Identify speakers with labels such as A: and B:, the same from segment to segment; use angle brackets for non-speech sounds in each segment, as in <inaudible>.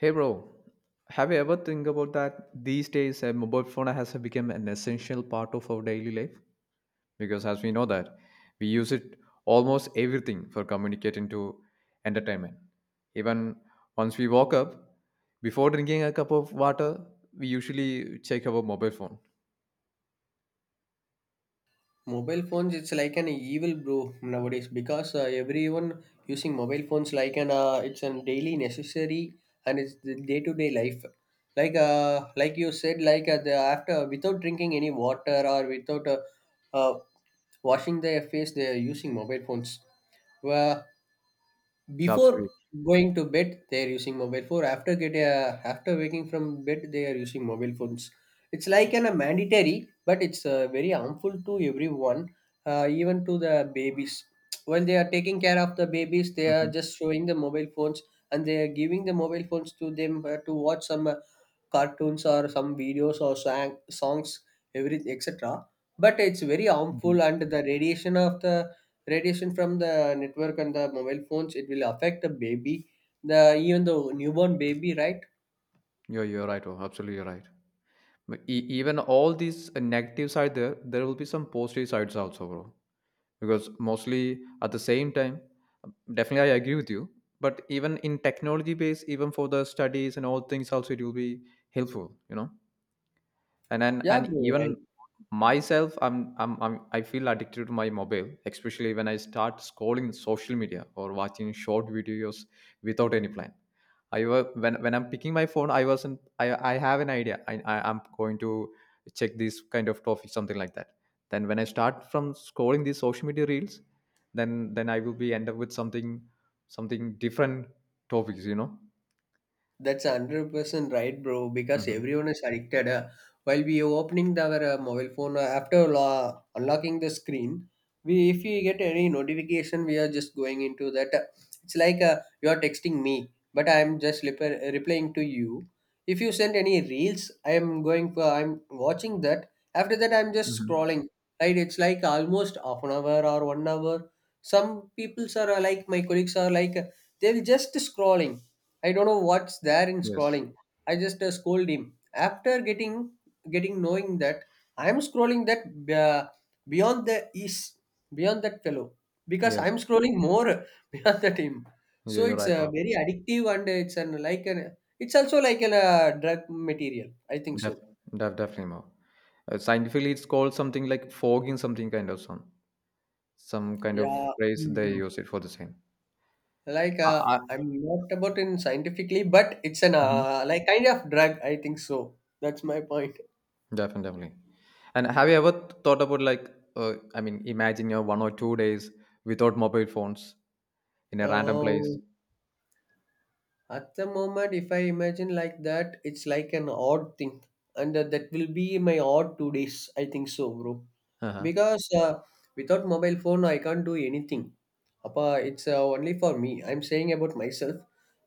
A: Hey bro, have you ever think about that these days a mobile phone has become an essential part of our daily life? Because as we know that we use it almost everything for communicating to entertainment. Even once we woke up, before drinking a cup of water, we usually check our mobile phone.
B: Mobile phones, it's like an evil bro nowadays because everyone using mobile phones like an it's a daily necessary and it's the day to day life. Like you said, the after without drinking any water or without uh, washing their face, they are using mobile phones. Well, before
A: Absolutely.
B: going to bed they are using mobile phone after get after waking from bed they are using mobile phones, it's like a mandatory, but it's very harmful to everyone, even to the babies. While they are taking care of the babies, they are
A: Hmm.
B: just showing the mobile phones, and they are giving the mobile phones to them to watch some cartoons or some videos or songs, everything, etc. But it's very
A: Hmm.
B: harmful, and the radiation of the radiation from the network and the mobile phones, it will affect the baby, the even the newborn baby, right?
A: Yeah, you're right. Oh, absolutely, you're right. But even all these negatives are there. There will be some positive sides also, bro. Because mostly at the same time, definitely I agree with you, but even in technology base, even for the studies and all things also, it will be helpful. and and,
B: Yeah,
A: and
B: bro,
A: even
B: right.
A: myself, I feel addicted to my mobile, especially when I start scrolling social media or watching short videos without any plan. When I'm picking my phone, I wasn't I have an idea. I'm going to check this kind of topic, something like that. Then when I start from scrolling these social media reels, then I will be end up with something different topics.
B: That's 100% right, bro, because
A: Hmm.
B: everyone is addicted. While we opening our mobile phone, after unlocking the screen, we if we get any notification, we are just going into that. It's like you are texting me, but I am just replying to you. If you send any reels, I am going for, I'm watching that. After that, I'm just
A: Hmm.
B: scrolling. Right, it's like almost half an hour or one hour. Some people's are like my colleagues are like they're just scrolling. I don't know what's there in
A: Yes.
B: scrolling. I just scold him. After getting knowing that I'm scrolling that, uh, beyond the is beyond that fellow, because
A: Yes.
B: I'm scrolling more <laughs> beyond that him.
A: Yeah,
B: So
A: you're
B: it's
A: right.
B: very addictive, and it's an like an it's also like an drug material, I think
A: Def,
B: so.
A: definitely more. Scientifically, it's called something like fogging, something kind of some kind of
B: Yeah.
A: phrase they
B: Mhm.
A: use it for the same.
B: Like
A: Uh,
B: I'm not about in scientifically, but it's an
A: hmm.
B: like kind of drug. I think so. That's my point.
A: Definitely. Definitely. And have you ever thought about, like, I mean, imagine you're 1 or 2 days without mobile phones in a random place.
B: Uh, At the moment, if I imagine like that, it's like an odd thing, and that will be my odd 2 days, I think so, bro.
A: Uh-huh.
B: Because without mobile phone, I can't do anything. Appa, it's only for me. I'm saying about myself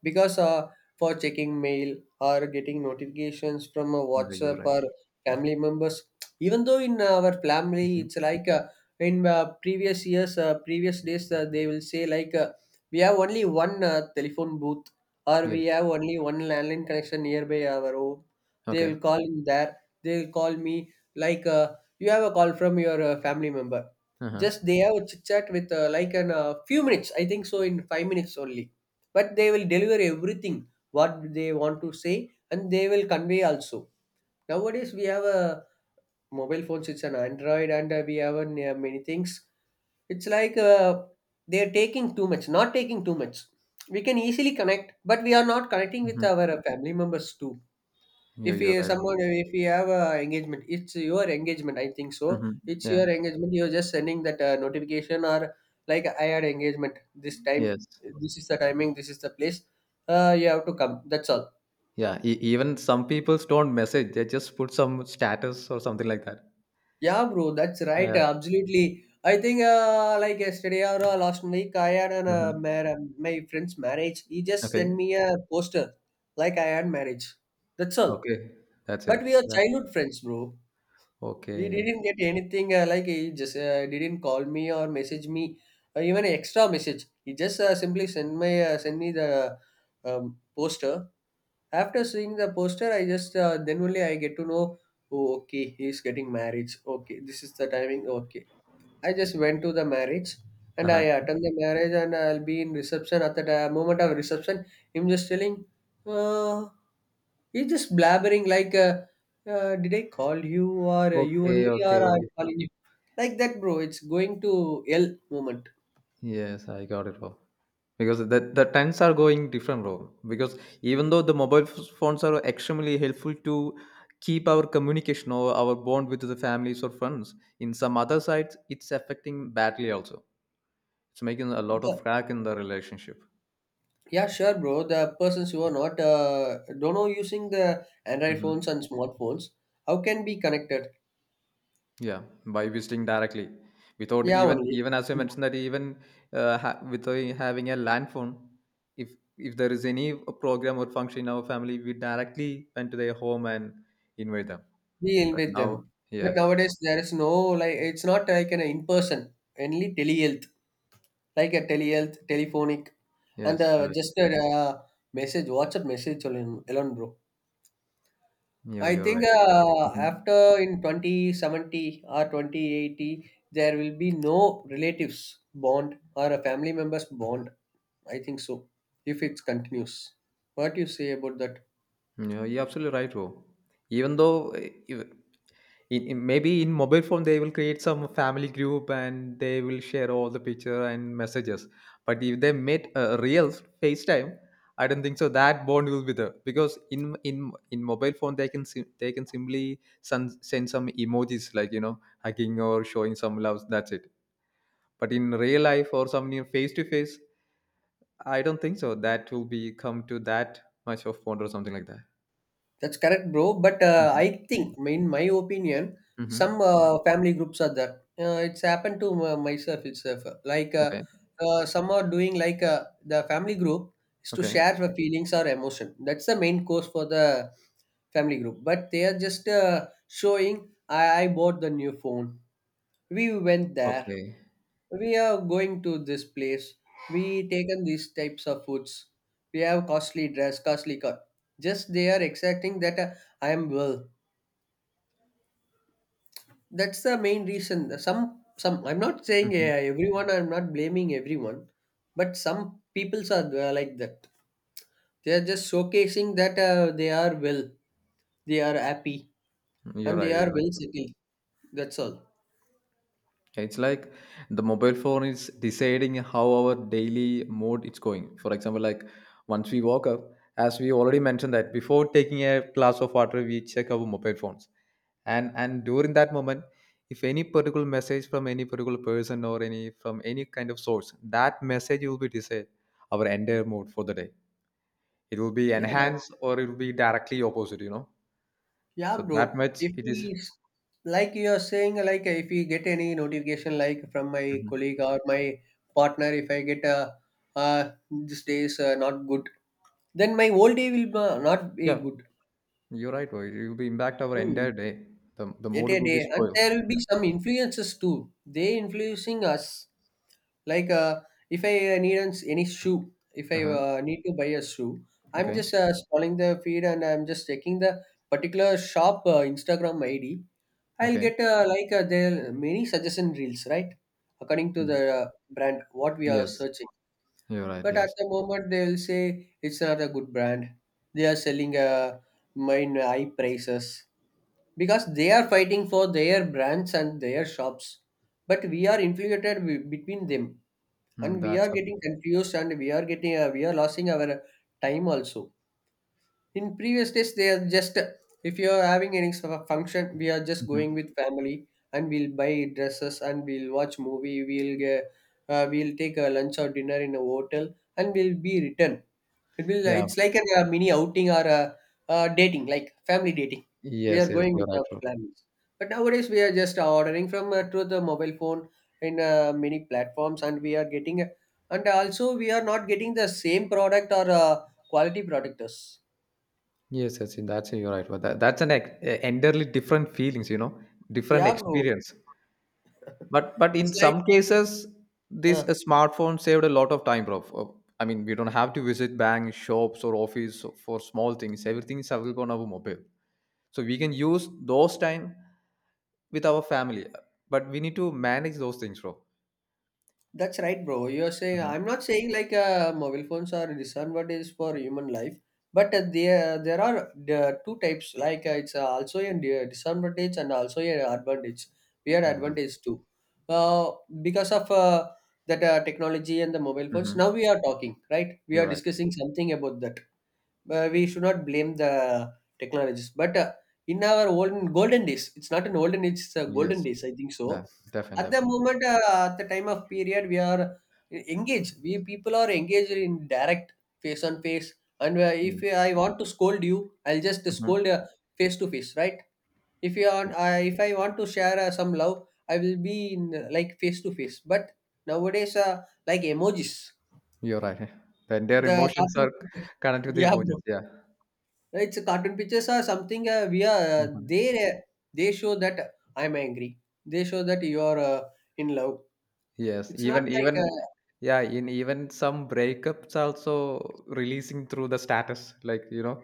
B: because for checking mail or getting notifications from
A: Yeah, you're
B: WhatsApp
A: right.
B: or family members, even though in our family,
A: Mhm.
B: it's like in previous years, previous days, they will say like we have only one telephone booth, or
A: Yes.
B: we have only one landline connection nearby our home. They
A: Okay.
B: will call in there, they will call me like you have a call from your family member.
A: Uh-huh.
B: Just they have a chit chat with like in a few minutes, I think so, in 5 minutes only, but they will deliver everything what they want to say, and they will convey also. Nowadays we have a mobile phones. It's an Android, and we have many things. It's like they're taking too much, not taking too much. We can easily connect, but we are not connecting with
A: Hmm.
B: our family members too.
A: You're,
B: If
A: you're
B: we
A: right.
B: someone, if we have a engagement, it's your engagement, I think so.
A: Mm-hmm.
B: It's
A: Yeah.
B: your engagement. You're just sending that notification, or like I had engagement this time.
A: Yes.
B: This is the timing. This is the place. You have to come. That's all.
A: Yeah. Even some people don't message. They just put some status or something like that.
B: Yeah, bro, that's right.
A: Yeah.
B: Absolutely. I think like yesterday or last week, I had
A: Uh-huh.
B: my friend's marriage. He just sent
A: Okay.
B: me a poster like I had marriage. That's all.
A: Okay. That's it.
B: But we are
A: Yeah.
B: childhood friends, bro. We
A: Okay.
B: didn't get anything like he just didn't call me or message me or even extra message. He just simply sent me the poster. After seeing the poster, I just then only I get to know. Oh, okay, he's getting married. Okay, this is the timing. Okay, I just went to the marriage, and I
A: Uh-huh.
B: attend the marriage, and I'll be in reception. At the moment of reception, him just telling, uh, he's just blabbering like, did I call you, or you
A: Okay.
B: only, or
A: Okay.
B: I'm calling you? Like that, bro. It's going to L moment.
A: Yes, I got it all. Because the trends are going different, bro. Because even though the mobile phones are extremely helpful to keep our communication or our bond with the families or friends, in some other sides, it's affecting badly also. It's making a lot of
B: The-
A: crack in the relationship.
B: yeah, sure, bro. The persons who are not, don't know using the Android phones
A: Mhm.
B: and smartphones, how can be connected?
A: Yeah, by visiting directly, without
B: Yeah,
A: even
B: only.
A: even as I mentioned that even without having a land phone, if there is any program or function in our family, we directly went to their home and invite them.
B: Deal
A: But
B: with
A: now,
B: them. But
A: yes,
B: nowadays there is no, like it's not like an in person, only telehealth, like a telehealth telephonic, and
A: yes, you're right.
B: just a message, WhatsApp message alone, alone bro.
A: Yeah,
B: I
A: you're
B: think
A: right. Mhm.
B: after in 2070 or 2080 there will be no relatives bond or a family members bond. I think so, if it continues. What do you say about that?
A: Yeah, you're absolutely right, bro. Even though if, in- maybe in mobile phone they will create some family group and they will share all the picture and messages. But if they met real facetime, I don't think so that bond will be there, because in mobile phone they can they can simply send some emojis, like, hugging or showing some love. That's it. But in real life or some near face to face, I don't think so that will be come to that much of bond or something like that.
B: That's correct, bro. But
A: Hmm.
B: I think, in my opinion, some
A: Hmm.
B: family groups are there. It's happened to myself itself.
A: Okay.
B: Some are doing like the family group is to
A: Okay.
B: share the feelings or emotion. That's the main course for the family group. But they are just showing. I bought the new phone. We went there.
A: Okay.
B: We are going to this place. We taken these types of foods. We have costly dress, costly car. Just they are exacting that I am well. That's the main reason. Some I'm not saying
A: Hmm.
B: everyone, I'm not blaming everyone, but some peoples are like that. They are just showcasing that they are well, they are happy,
A: You're
B: and
A: right.
B: they are
A: You're right.
B: well settled. That's all.
A: It's like the mobile phone is deciding how our daily mode it's going. For example, like, once we woke up, as we already mentioned that before taking a glass of water, we check our mobile phones. And during that moment, if any particular message from any particular person or any from any kind of source, that message will be decide our entire mode for the day. It will be
B: yeah that's,
A: enhanced or it will be directly opposite.
B: yeah
A: So
B: bro,
A: that much
B: if
A: it
B: we,
A: is.
B: like you are saying, like if we get any notification, like from my
A: Mhm.
B: colleague or my partner, if I get a uh, this day is not good, then my whole day will not be
A: Yeah,
B: good.
A: you're right, bro. It will be impact our entire
B: Mm.
A: day. The
B: At
A: mood
B: a
A: will be
B: day, and
A: spoiled.
B: there will
A: Yeah.
B: be some influences too. They influencing us. Like if I any shoe, if I
A: Uh-huh.
B: need to buy a shoe, I'm
A: Okay.
B: just scrolling the feed, and I'm just checking the particular shop Instagram ID. I'll
A: Okay.
B: get like there are many suggestion reels, right? According to
A: Yeah.
B: the brand, what we are
A: Yes.
B: searching.
A: You're right.
B: But at
A: Yes.
B: the moment, they will say it's not a good brand. They are selling mine high prices, because they are fighting for their brands and their shops, but we are infiltrated between them,
A: Mm,
B: and we
A: that's
B: are
A: a.
B: getting confused, and we are getting we are losing our time also. In previous days, they are just, if you are having any sort of function, we are just going
A: Mhm.
B: with family, and we'll buy dresses, and we'll watch movie, we'll take a lunch or dinner in a hotel, and we'll be return. It will.
A: Yeah.
B: It's like mini outing, or a, uh, dating, like family dating. We are
A: Yes. Yes.
B: going
A: You're
B: with
A: right,
B: our
A: bro.
B: plans. But nowadays we are just ordering from through the mobile phone, in many platforms, and we are getting. And also we are not getting the same product or quality productors.
A: Yes. Yes. That's, you're right, bro. That's an entirely different feelings. You know, different
B: Yeah, bro.
A: experience.
B: <laughs>
A: But
B: It's
A: in
B: like.
A: some cases, this
B: Uh,
A: smartphone saved a lot of time, bro. I mean, we don't have to visit banks, shops, or office for small things. Everything is available on our mobile, so we can use those time with our family, but we need to manage those things, bro.
B: That's right, bro. You're saying
A: Mhm.
B: I'm not saying like mobile phones are disadvantages for human life, but there are the two types. Like it's also a disadvantage and also a advantage. We are
A: You're right.
B: advantage too, uh, because of that technology and the mobile phones.
A: Mhm.
B: Now we are talking, right? We
A: You're
B: are
A: right.
B: discussing something about that, we should not blame the technologies. But in our olden golden days, it's not an olden age, it's a golden
A: Yes.
B: days, I think so.
A: That, definitely,
B: At the
A: definitely.
B: moment, at the time of period, we are engaged. We people are engaged in direct face on face. And
A: Yeah.
B: if I want to scold you, I'll just scold
A: Mhm.
B: face to face, right? If you want, I if I want to share some love, I will be in like face to face. But nowadays, like emojis,
A: You're right. <laughs> Their
B: the
A: emotions
B: cartoon.
A: are
B: <laughs>
A: connected with the
B: Yeah,
A: emojis.
B: bro.
A: Yeah.
B: It's cartoon pictures are something we are
A: Mhm.
B: they show that I'm angry. They show that you are in love.
A: Yes.
B: It's not
A: Even
B: like
A: even yeah. In even some breakups also, releasing through the status, like,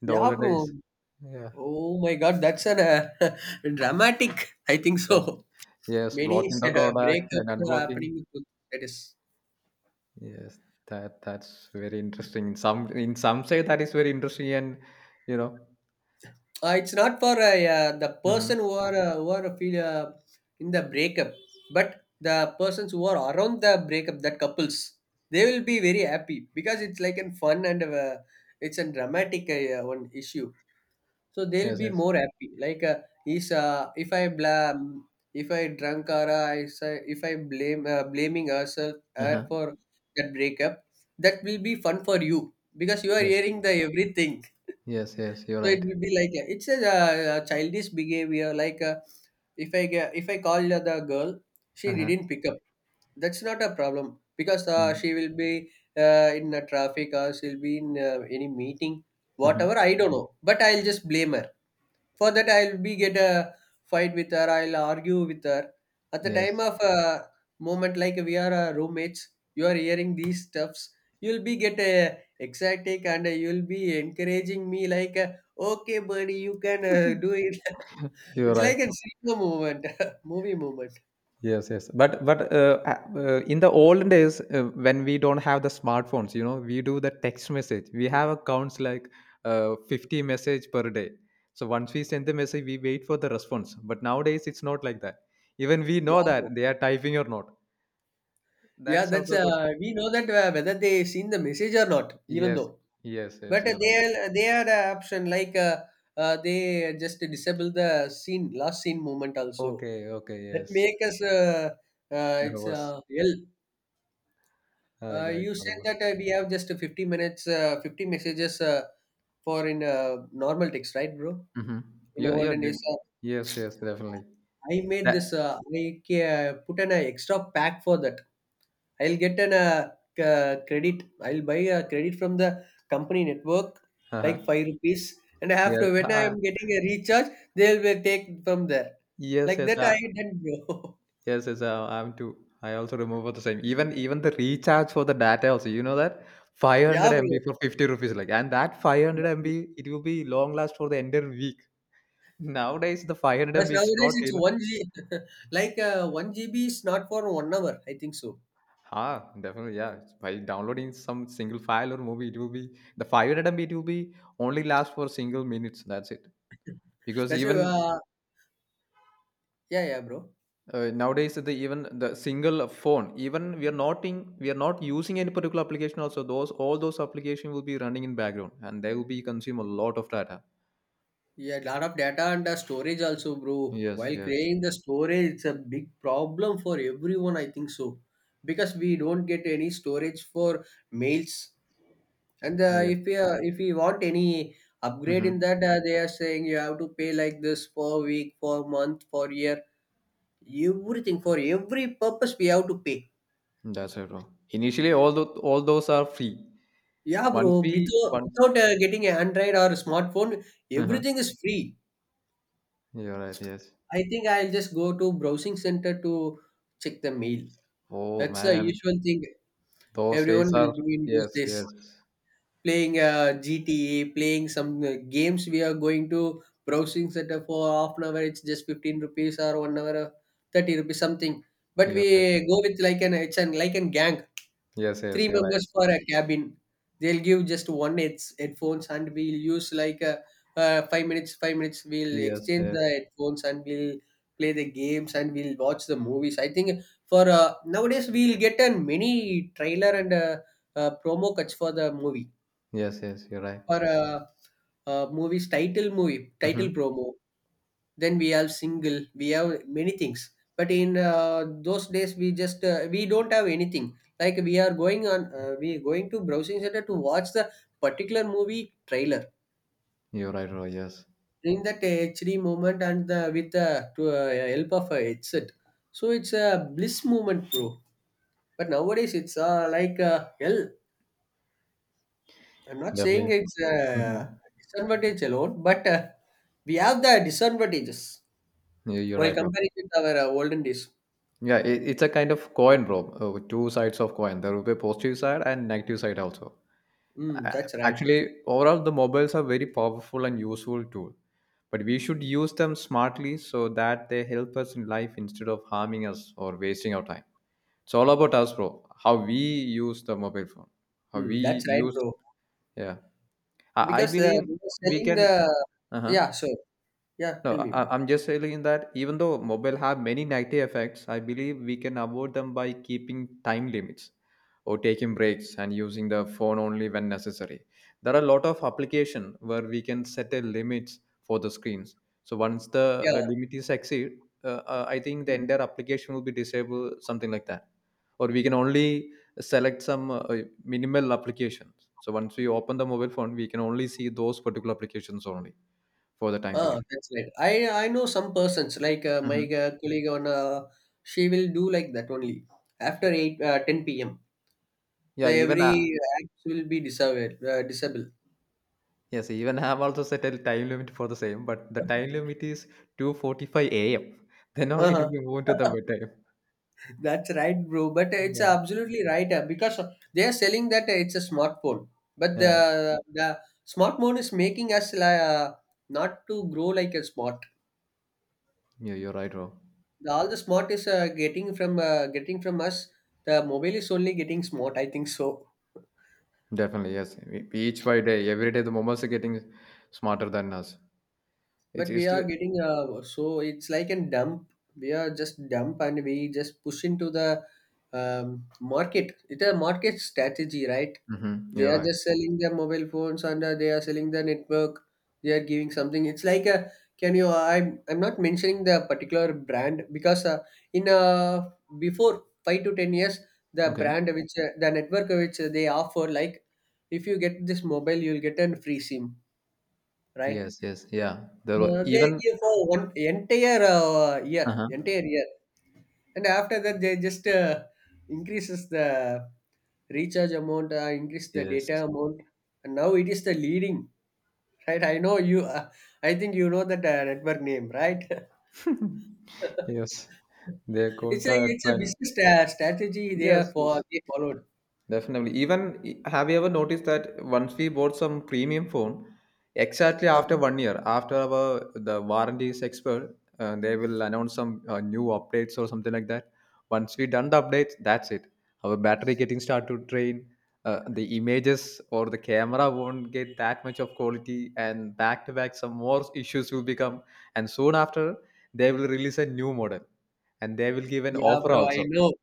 A: in the
B: yeah, bro.
A: holidays. Yeah.
B: Oh my God, that's an <laughs> dramatic, I think
A: Yes.
B: so.
A: Yes.
B: Many
A: Blocking the contact and
B: breakups are
A: unblocking.
B: happening with that is.
A: Yes, that's very interesting. In some say that is very interesting, and you know,
B: It's not for the
A: hmm.
B: person who are feel in the breakup, but the persons who are around the breakup, that couples, they will be very happy, because it's like a fun, and it's a dramatic yeah, one issue. So they'll
A: Yes,
B: be
A: yes,
B: more happy. Like is if I blame, if I drunk, or if I blame blaming herself
A: uh-huh.
B: her for that breakup, that will be fun for you, because you are
A: Yes,
B: hearing the everything.
A: yes, yes. You're
B: So it
A: right.
B: will be like it's a, childish behavior. If I call the girl, she
A: Uh-huh.
B: didn't pick up. That's not a problem because
A: Yeah.
B: she will be in the traffic or she'll be in any meeting,
A: Hmm.
B: whatever. I don't know, but I'll just blame her. For that, I'll be get a fight with her. I'll argue with her. At the time
A: Yes,
B: of a moment like we are roommates, you are hearing these stuffs. You'll be get a excited and you'll be encouraging me like, okay, buddy, you can do it. <laughs>
A: you're
B: It's
A: right.
B: like a cinema moment, <laughs> movie moment.
A: Yes, yes. But in the old days, when we don't have the smartphones, we do the text message. We have accounts like 50 message per day. So once we send the message, we wait for the response. But nowadays, it's not like that. Even we
B: Yeah,
A: know
B: bro.
A: that they are typing or not.
B: Yeah,
A: That's
B: that's
A: also good.
B: we know that whether they seen the message or not, even
A: Yes,
B: though.
A: yes, yes.
B: But
A: You're right.
B: they had an option like they just disable the scene last scene moment also.
A: Okay, okay.
B: That
A: Yes,
B: make us
A: it
B: it's
A: was.
B: ill.
A: I, I
B: You said
A: remember.
B: that we have just 50 minutes, 50 messages for in normal text, right, bro?
A: Mm-hmm.
B: In the
A: Yeah, yeah.
B: olden days,
A: Did. Yes, yes, definitely.
B: I made
A: That.
B: this. Uh, put an extra pack for that. I'll get an credit. I'll buy a credit from the company network, like
A: Uh-huh.
B: five rupees, and
A: Yes.
B: after when I am getting a recharge, they'll be take from there.
A: Yes,
B: Like
A: yes.
B: that, I didn't, bro.
A: Yes, yes. I'm too. I also remember the same. Even the recharge for the data also. You know that
B: <laughs>
A: 500
B: Yeah,
A: MB for 50 rupees. Like, and that 500
B: bro.
A: MB, it will be long last for the entire week. Nowadays, the 500
B: But
A: MB, it's
B: nowadays
A: not
B: it's
A: enough.
B: one G, <laughs> one GB is not for 1 hour. I think so.
A: Ha, definitely, yeah. It's. By downloading some single file or movie, it will be the file item. It will be only last for single minutes. That's it. Because
B: That's why,
A: even
B: uh, yeah, yeah, bro.
A: nowadays, the even the single phone, even we are not in, we are not using any particular application. Also, those all those application will be running in background, and they will be consume a lot of data.
B: Yeah, lot of data and storage also, bro.
A: Yes,
B: While
A: yes,
B: creating the storage, it's a big problem for everyone. I think so, because we don't get any storage for mails. And
A: yes.
B: if we want any upgrade in
A: Mm-hmm.
B: that, they are saying you have to pay like this for week, for month, for year, everything for every purpose we have to pay.
A: That's it, bro. Initially, all those are free.
B: Yeah,
A: Once
B: bro.
A: we
B: Without,
A: once.
B: without uh, getting an Android or smartphone,
A: Uh-huh.
B: everything is free.
A: You're right. Yes.
B: I think I'll just go to browsing center to check the mail.
A: Oh
B: That's the
A: man,
B: usual thing
A: those days
B: everyone will
A: are.
B: do in those
A: Yes,
B: days.
A: yes.
B: Playing GTA, playing some games. We are going to browsing center for half an hour. It's just 15 rupees or 1 hour, 30 rupees something. But
A: You're
B: we
A: right.
B: go with like an it's an like an gang.
A: Yes, yes,
B: Three
A: you're right.
B: members for a cabin. They'll give just one heads, headphones, and we'll use like a, 5 minutes. 5 minutes. We'll
A: Yes,
B: exchange the
A: yes,
B: headphones and we'll play the games and we'll watch the movies. I think for nowadays we'll get a mini trailer and a, promo cuts for the movie
A: yes, yes, you're right.
B: for a movie's title movie
A: Hmm.
B: title promo, then we have single we have many things, but in those days we don't have anything, like we are going to browsing center to watch the particular movie trailer
A: You're right, bro. Yes,
B: in that HD moment and the, with the to, help of a headset, so it's a bliss moment, bro. But nowadays it's hell. I'm not saying
A: definitely.
B: it's
A: Mm-hmm.
B: a disadvantage alone, but we have the disadvantages
A: You're
B: while
A: right, bro.
B: comparing with our olden days.
A: Yeah, it's a kind of coin, bro. With two sides of coin. There will be a positive side and negative side also.
B: Mm,
A: A-
B: that's right.
A: Actually, overall, the mobiles are very powerful and useful tool, but we should use them smartly so that they help us in life instead of harming us or wasting our time. It's all about us, bro. How we use the mobile phone, how
B: Mm,
A: we
B: that's right,
A: use.
B: bro.
A: Yeah, I
B: Because
A: believe
B: they were
A: we
B: selling
A: can.
B: the
A: Uh-huh.
B: yeah, sure. Yeah,
A: No,
B: tell me,
A: I,
B: bro.
A: I'm just saying that even though mobile have many negative effects, I believe we can avoid them by keeping time limits or taking breaks and using the phone only when necessary. There are a lot of application where we can set a limits for the screens. So once the
B: Yeah.
A: limit is exceed, I think the
B: Mm.
A: entire application will be disabled, something like that. Or we can only select some minimal applications. So once we open the mobile phone, we can only see those particular applications only for the time
B: Ah,
A: period.
B: that's right. I know some persons like uh, my
A: Mhm.
B: uh, colleague on she will do like that only after 8 10 p.m.
A: Yeah,
B: The
A: even I,
B: every act will be disabled.
A: yes, even I have also set a time limit for the same, but the time limit is 2:45 a.m. <laughs> Then only it will
B: Uh-huh.
A: be moved to the
B: <laughs>
A: bedtime.
B: That's right, bro. But it's
A: Yeah.
B: absolutely right because they are selling that it's a smartphone, but
A: Yeah,
B: the smartphone is making us not to grow like a smart.
A: yeah, you're right, bro.
B: The all the smart is getting from us. The mobile is only getting smart. I think so.
A: Definitely, yes. Each by day, every day, the momos are getting smarter than us. It
B: But
A: is.
B: we are getting so it's like a dump. We are just dump and we just push into the market. It's a market strategy, right?
A: Mhm,
B: They
A: you're
B: are
A: right.
B: just selling their mobile phones and they are selling the network. They are giving something. It's like a, can you, I'm not mentioning the particular brand because in before 5 to 10 years, the
A: Okay.
B: brand which the network which they offer, like if you get this mobile you'll get a free sim, right?
A: Yes. Yes. Yeah. There were
B: They
A: even.
B: give for one entire year,
A: Uh-huh.
B: entire year, and after that they just increases the recharge amount, increase the
A: Yes.
B: data amount, and now it is the leading, right? I know you. I think you know that network name, right? <laughs>
A: <laughs> Yes. They got
B: It's like
A: the
B: it's a
A: trend.
B: business strategy they
A: Yes.
B: are for
A: Yes.
B: they followed.
A: Definitely. Even have you ever noticed that once we bought some premium phone, exactly after
B: Uh-huh.
A: one year, after our the warranty is expired, they will announce some new updates or something like that. Once we done the updates, that's it. Our battery getting start to drain. The images or the camera won't get that much of quality, and back to back, some more issues will become. And soon after, they will release a new model, and they will give an
B: Yeah,
A: offer
B: bro, I
A: also.
B: know.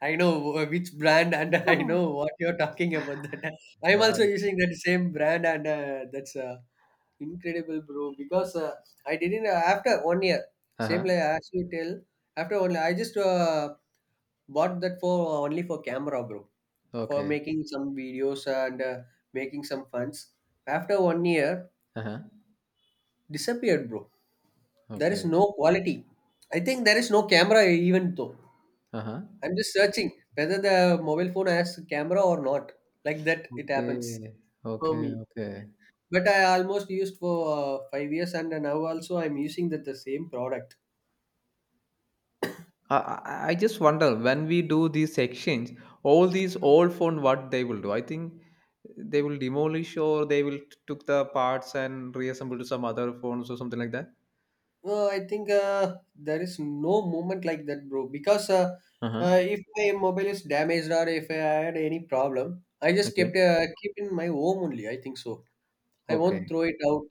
B: Which brand, and <laughs> I know
A: <laughs>
B: what you're talking about. That, <laughs> I'm
A: Yeah.
B: also using that same brand, and that's incredible, bro. Because I didn't after 1 year, same
A: Uh-huh.
B: like as you tell. After one year, I just bought that for only for camera, bro, for
A: Okay.
B: making some videos and making some funds. After 1 year,
A: Uh-huh.
B: disappeared, bro. There is
A: Okay.
B: no quality. I think there is no camera even though.
A: Uh-huh.
B: I'm just searching whether the mobile phone has camera or not. Like that, it happens
A: Okay.
B: for
A: Okay.
B: me.
A: Okay.
B: But I almost used for 5 years, and now also I'm using that the same product.
A: I just wonder when we do this exchange, all these old phone, what they will do? I think they will demolish or they will took the parts and reassemble to some other phones or something like that.
B: I think there is no moment like that, bro. Because
A: Uh-huh.
B: if my mobile is damaged or if I had any problem, I just kept
A: Okay.
B: keep in my home only. I think so. I won't
A: Okay.
B: throw it out.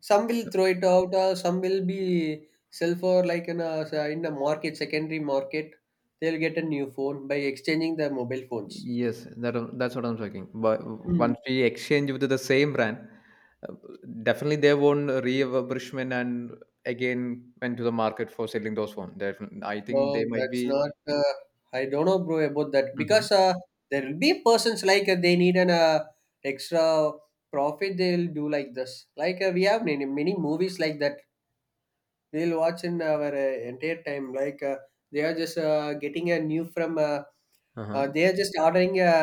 B: Some will throw it out, or some will be sell for like in a market, secondary market. They'll get a new phone by exchanging their mobile phones.
A: Yes, that's what I'm talking. But
B: Hmm.
A: once we exchange with the same brand, uh, definitely they won't refurbishment and again went to the market for selling those phones. Definitely, I think they
B: No,
A: might
B: that's
A: be.
B: not. I don't know, bro, about that
A: Hmm.
B: because there will be persons like they need an extra profit. They'll do like this. Like we have many many movies like that. We'll watch in our entire time. Like they are just getting a new from.
A: Uh-huh.
B: They are just ordering a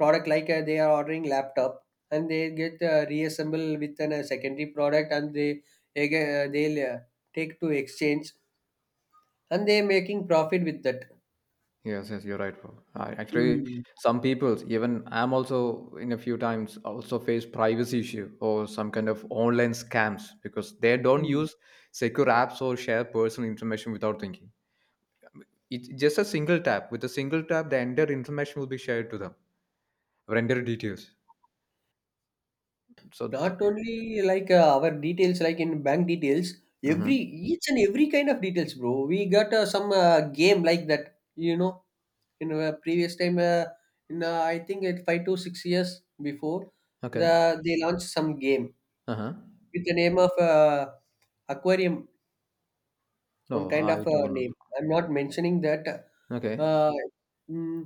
B: product like they are ordering laptop, and they get reassembled with an, a secondary product, and they again they'll take to exchange and they're making profit with that.
A: Yes, yes, you're right, bro. Actually,
B: Mm,
A: some people, even I'm also in a few times also face privacy issue or some kind of online scams because they don't
B: mm.
A: use secure apps or share personal information without thinking. It just a single tap. With a single tap, the entire information will be shared to them, or entire details. So, th-
B: Not only like our details, like in bank details,
A: uh
B: every each and every kind of details, bro. We got some game like that, you know. In previous time, in I think it 5 to 6 years before,
A: okay,
B: the they launched some game
A: uh huh.
B: with the name of aquarium, on
A: No,
B: kind of
A: I
B: a
A: don't. Know.
B: name, I'm not mentioning that.
A: Okay,
B: uh, mm,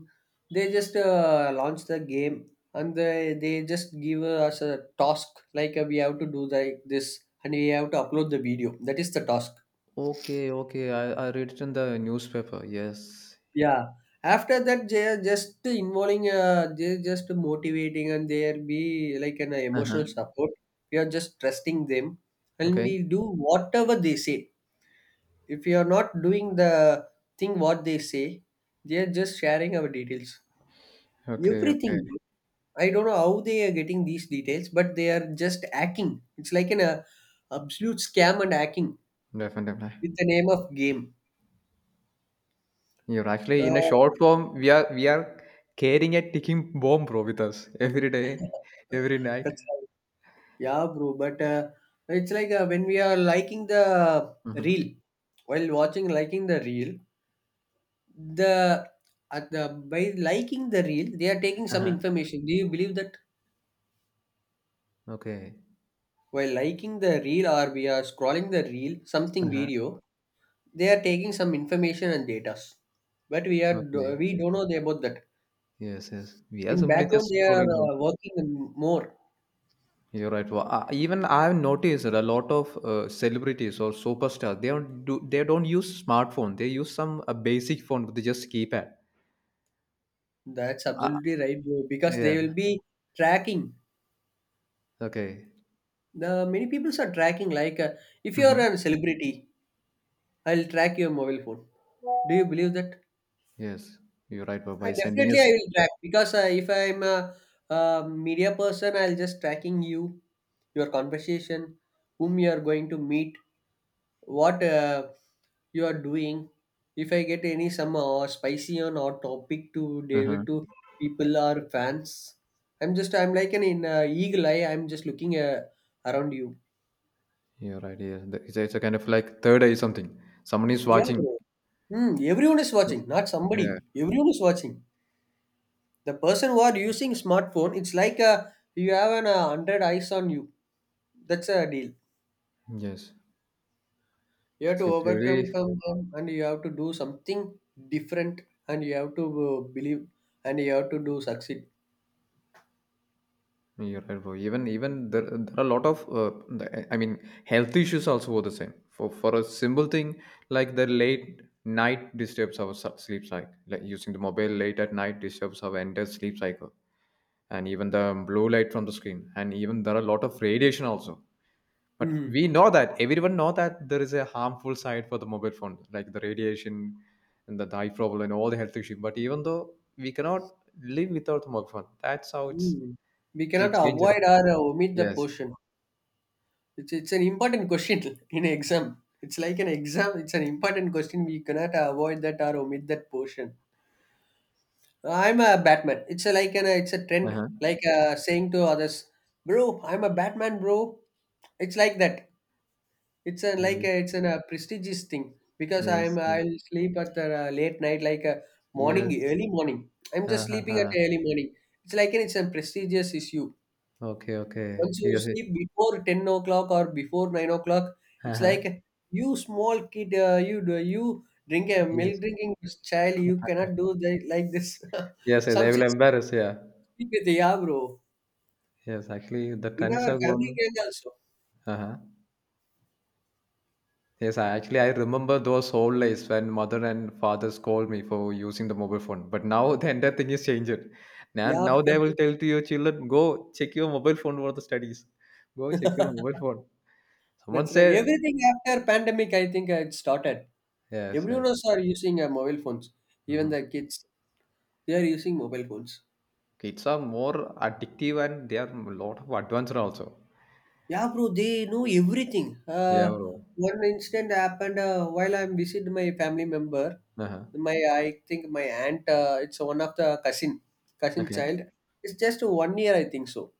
B: they just launch the game, and they just give us a task like we have to do like this and we have to upload the video. That is the task.
A: okay, okay. I read it in the newspaper. Yes.
B: Yeah. After that they are just involving they're just motivating and there be like an
A: Uh huh.
B: emotional support. We are just trusting them, and we
A: Okay,
B: do whatever they say. If you are not doing the thing what they say, they are just sharing our details.
A: okay, okay.
B: Everything. I don't know how they are getting these details, but they are just hacking. It's like an absolute scam and hacking
A: Definitely.
B: with the name of game.
A: You're actually
B: Uh,
A: in a short form. We are carrying a ticking bomb, bro, with us every day,
B: <laughs>
A: every night.
B: that's right. Yeah, bro. But it's like when we are liking the
A: Mm-hmm.
B: reel, while watching liking the reel, the at the by liking the reel, they are taking
A: Uh
B: some
A: huh.
B: information. Do you believe that?
A: Okay.
B: While liking the reel or we are scrolling the reel,
A: Uh
B: something
A: huh.
B: video, they are taking some information and data. But we are
A: Okay.
B: we don't know about that.
A: Yes, yes. We are
B: In
A: simply
B: background,
A: just
B: they are
A: scrolling down.
B: working more.
A: You're right. Well, I, even I've noticed that a lot of celebrities or superstars they don't use smartphone. They use some a basic phone with just keypad.
B: That's
A: Uh,
B: absolutely right, bro. Because
A: yeah.
B: they will be tracking.
A: Okay.
B: The many people are tracking. Like if you are
A: Mm-hmm.
B: a celebrity, I'll track your mobile phone. Do you believe that?
A: Yes. You're right. But
B: I
A: by sending
B: definitely
A: us,
B: I will track because if I'm a, media person, I'll just tracking you, your conversation, whom you are going to meet, what you are doing. If I get any some spicy on or topic to deliver
A: uh-huh.
B: to people or fans, I'm like an in eagle eye. I'm just looking around you.
A: You're right. Yes. It's a kind of like third eye something. Someone is
B: Yeah,
A: watching.
B: bro. Hmm, everyone is watching, not
A: Yeah.
B: somebody. Everyone is watching. The person who are using smartphone, it's like you have an 100 eyes on you. That's a deal.
A: Yes.
B: You have to
A: So it's
B: overcome
A: really
B: some, and you have to do something different and you have to believe and you have to do succeed.
A: Yeah, you're right, bro. Even there, there are a lot of health issues also were the same. For a simple thing like the late night disturbs our sleep cycle. Like using the mobile late at night disturbs our entire sleep cycle, and even the blue light from the screen, and even there are a lot of radiation also. But
B: Mhm.
A: we know that everyone know that there is a harmful side for the mobile phone, like the radiation and the eye problem and all the health issues. But even though we cannot live without the mobile phone, that's how it's
B: Mhm. We
A: we
B: cannot
A: change it.
B: avoid or omit the
A: Yes.
B: portion. It's an important question <laughs> in exam. It's like an exam, it's an important question, we cannot avoid that or omit that portion. I'm a Batman. It's a, like an it's a trend,
A: Uh-huh.
B: like saying to others, "Bro, I'm a Batman, bro." It's like that. It's a like
A: Ye-
B: a, it's an, a prestigious thing because
A: Yes.
B: I'll sleep at the late night, like a morning,
A: Yes.
B: early morning. I'm just sleeping at
A: Uh-huh.
B: early morning. It's like an, it's a prestigious issue.
A: Okay, okay.
B: Once you
A: Yes.
B: sleep before 10 o'clock or before 9 o'clock, it's
A: Uh-huh.
B: like you small kid, you drink a
A: Yes.
B: milk drinking child, you cannot do that like this.
A: Yes,
B: <laughs>
A: they
B: Some
A: will embarrass, yeah.
B: yeah, bro.
A: Yes, actually the
B: In
A: trends are
B: our family
A: gone.
B: range also.
A: Uh-huh. Yes, I actually I remember those old days when mother and father scold me for using the mobile phone. But now <laughs> the entire thing is changed. Now,
B: Yeah,
A: now they will tell to your children, go check your mobile phone for the studies. Go check your mobile phone.
B: <laughs>
A: Someone
B: that's right.
A: say
B: Everything after pandemic, I think it started.
A: yes,
B: Everyone else
A: yes.
B: are using mobile phones. Even
A: Mhm.
B: the kids, they are using mobile phones.
A: Kids are more addictive and they are a lot of advanced also.
B: Yeah, bro. They know everything.
A: Yeah, bro.
B: One incident happened while I'm visiting my family member.
A: Uh-huh.
B: My, I think my aunt. It's one of the cousin, cousin
A: Okay.
B: child. It's just 1 year, I think so.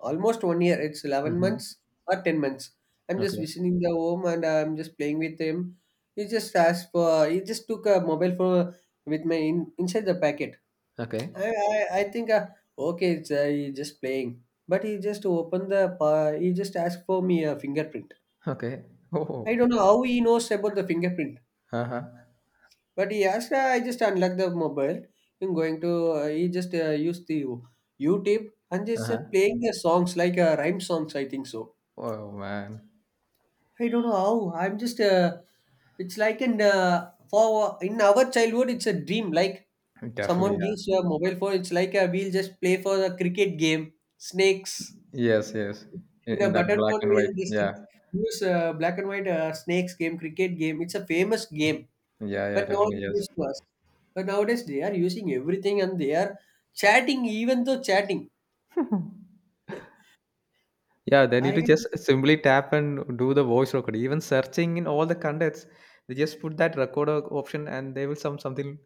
B: Almost 1 year. It's 11
A: Mm-hmm.
B: months or 10 months. I'm just
A: Okay.
B: visiting the home and I'm just playing with him. He just asked for, he just took a mobile phone with my inside the packet.
A: Okay.
B: I think, okay, it's, he just playing. But he just opened the, pa he just asked for me a fingerprint.
A: Okay.
B: I
A: Oh.
B: don't know how he knows about the fingerprint.
A: Uh-huh.
B: But he asked, I just unlocked the mobile. I'm going to, he just used the YouTube and just
A: Uh-huh.
B: playing the songs like rhyme songs, I think so.
A: Oh man.
B: I don't know how. I'm just. It's like in for in our childhood, it's a dream. Like
A: Definitely,
B: someone
A: yeah.
B: gives you a mobile phone, it's like we'll just play for the cricket game, snakes.
A: Yes, yes.
B: In a
A: In that
B: button
A: black
B: phone,
A: and white.
B: we'll just
A: Yeah.
B: use black and white snakes game, cricket game. It's a famous game,
A: Yeah, yeah,
B: but no one
A: definitely,
B: gives to us. But nowadays, they are using everything and they are chatting, even though chatting.
A: yes. <laughs> Yeah, they need to
B: I
A: just simply tap and do the voice record. Even searching in all the contacts, they just put that recorder option and they will some something,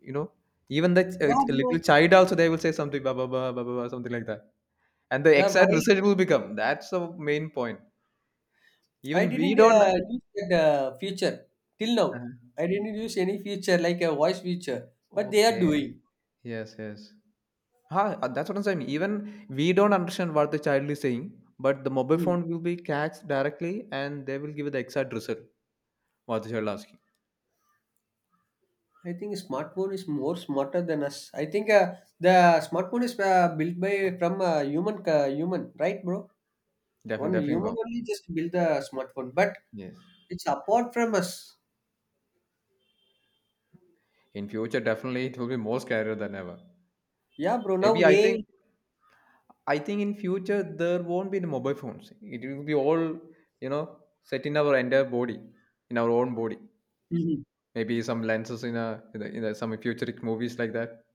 A: you know. Even the
B: yeah,
A: little
B: bro.
A: child also they will say something ba ba ba ba ba ba, something like that, and the
B: Yeah, bro.
A: exact
B: I
A: result will become. That's the main point.
B: I
A: Even we
B: didn't
A: don't.
B: use that feature till
A: Uh,
B: now. I didn't use any feature like a voice feature, but they are
A: okay.
B: doing.
A: Yes. Yes. That's what I'm saying. Even we don't understand what the child is saying, but the mobile
B: Mm.
A: phone will be catched directly, and they will give the exact result what the child asking.
B: I think smartphone is more smarter than us. I think the smartphone is built by from human, right, bro?
A: Definitely,
B: One human
A: definitely.
B: only just build the smartphone, but
A: Yes.
B: it's apart from us.
A: In future, definitely it will be more scarier than ever.
B: Yeah, bro. Now
A: Maybe
B: AI.
A: I think in future there won't be the mobile phones. It will be all, you know, set in our entire body, in our own body. Maybe some lenses in a some futuristic movies like that.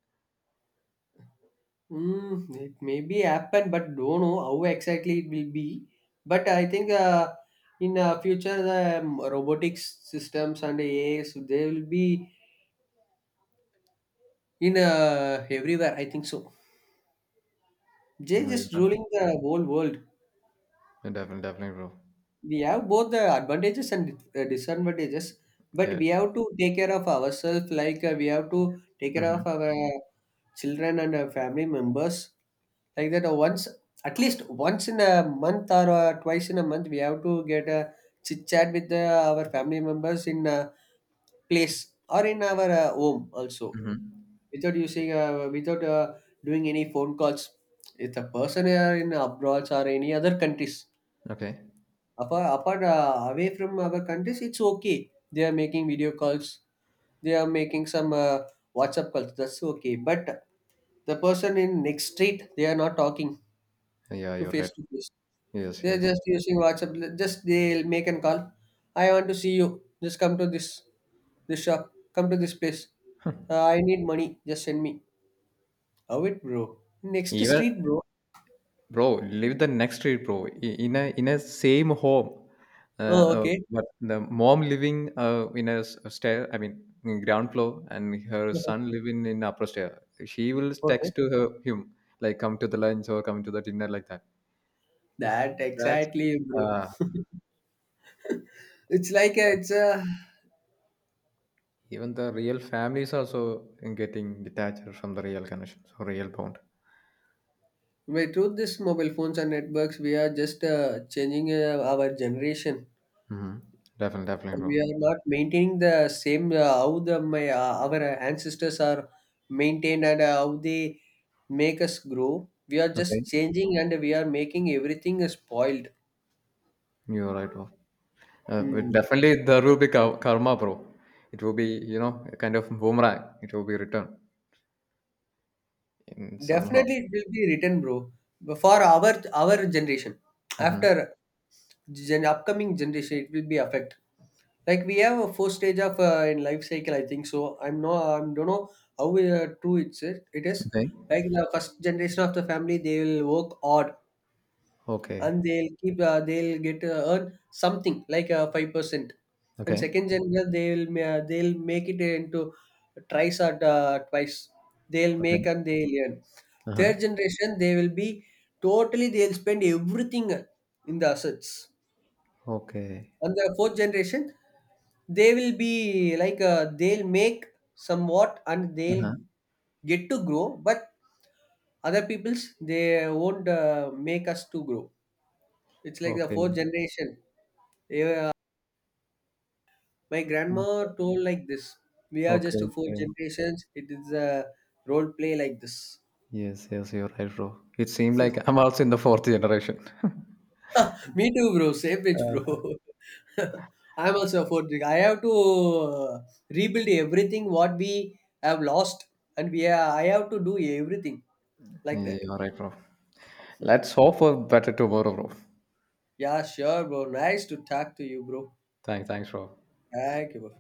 B: Mm, it may be happen, but don't know how exactly it will be. But I think in future the robotics systems and AIs they will be in everywhere. I think so. They
A: No, you're
B: just
A: not.
B: ruling the whole world.
A: No, definitely, definitely, bro.
B: We have both the advantages and disadvantages, but
A: Yeah.
B: we have to take care of ourselves. Like we have to take care
A: Mm-hmm.
B: of our children and our family members. Like that, once at least once in a month or twice in a month, we have to get a chit chat with our family members in a place or in our home also,
A: Mm-hmm.
B: without using without doing any phone calls. If the person are in abroad or any other countries.
A: Okay.
B: Apart away from our countries, it's okay. They are making video calls. They are making some WhatsApp calls. That's okay. But the person in next street, they are not talking
A: Yeah,
B: to
A: you're right.
B: face to face.
A: Yes,
B: They are
A: yes.
B: just using WhatsApp. Just they'll make an call. I want to see you. Just come to this shop. Come to this place. I need money. Just send me. How it, bro? Next
A: Even
B: street, bro.
A: bro, live the next street, bro. I- in a same home, uh,
B: Oh, okay.
A: but the mom living in stair. I mean, in ground floor, and her
B: <laughs>
A: son living in upper stair. She will
B: Okay.
A: text to her him like, "Come to the lunch" or "Come to the dinner," like that.
B: That
A: That's
B: exactly, bro.
A: uh,
B: It's like a, it's a
A: even the real families also getting detached from the real connection, so real bond.
B: with truth, this mobile phones and networks, we are just changing our generation.
A: Hmm. Definitely, definitely,
B: We
A: bro.
B: are not maintaining the same how the my our ancestors are maintained and how they make us grow. We are
A: Okay,
B: just changing and we are making everything spoiled.
A: you're right, bro. But
B: Hmm.
A: definitely there will be karma, bro. It will be, you know, a kind of boomerang. It will be returned in somehow.
B: Definitely, it will be written, bro. For our generation,
A: Hmm.
B: after gen- upcoming generation, it will be affect. Like we have a first stage of in life cycle, I think so, I don't know how true it it is.
A: Okay.
B: Like the first generation of the family, they will work hard and
A: Okay.
B: they'll keep they'll get earn something like 5%, and
A: Okay.
B: second generation, they'll ma- they'll make it into twice or twice they'll make
A: Okay.
B: and they'll earn. Third
A: Uh-huh.
B: generation, they will be totally, they'll spend everything in the assets.
A: Okay.
B: On the fourth generation, they will be like they'll make somewhat and they'll
A: Uh-huh.
B: get to grow, but other people's, they won't make us to grow. It's like the fourth
A: Okay.
B: generation. They were- my grandma
A: Okay.
B: told like this, we are
A: Okay.
B: just four
A: Okay.
B: generations, it is a role play like this.
A: Yes. Yes. You're right, bro. It seemed like I'm also in the fourth generation.
B: <laughs> Me too, bro. Same pitch,
A: Uh,
B: bro. <laughs> I'm also a fourth. I have to rebuild everything what we have lost, and we are, I have to do everything like
A: yeah,
B: that.
A: you're right, bro. Let's hope for better tomorrow, bro.
B: Yeah, sure, bro. Nice to talk to you, bro.
A: Thanks. Thanks, bro.
B: Thank you, bro.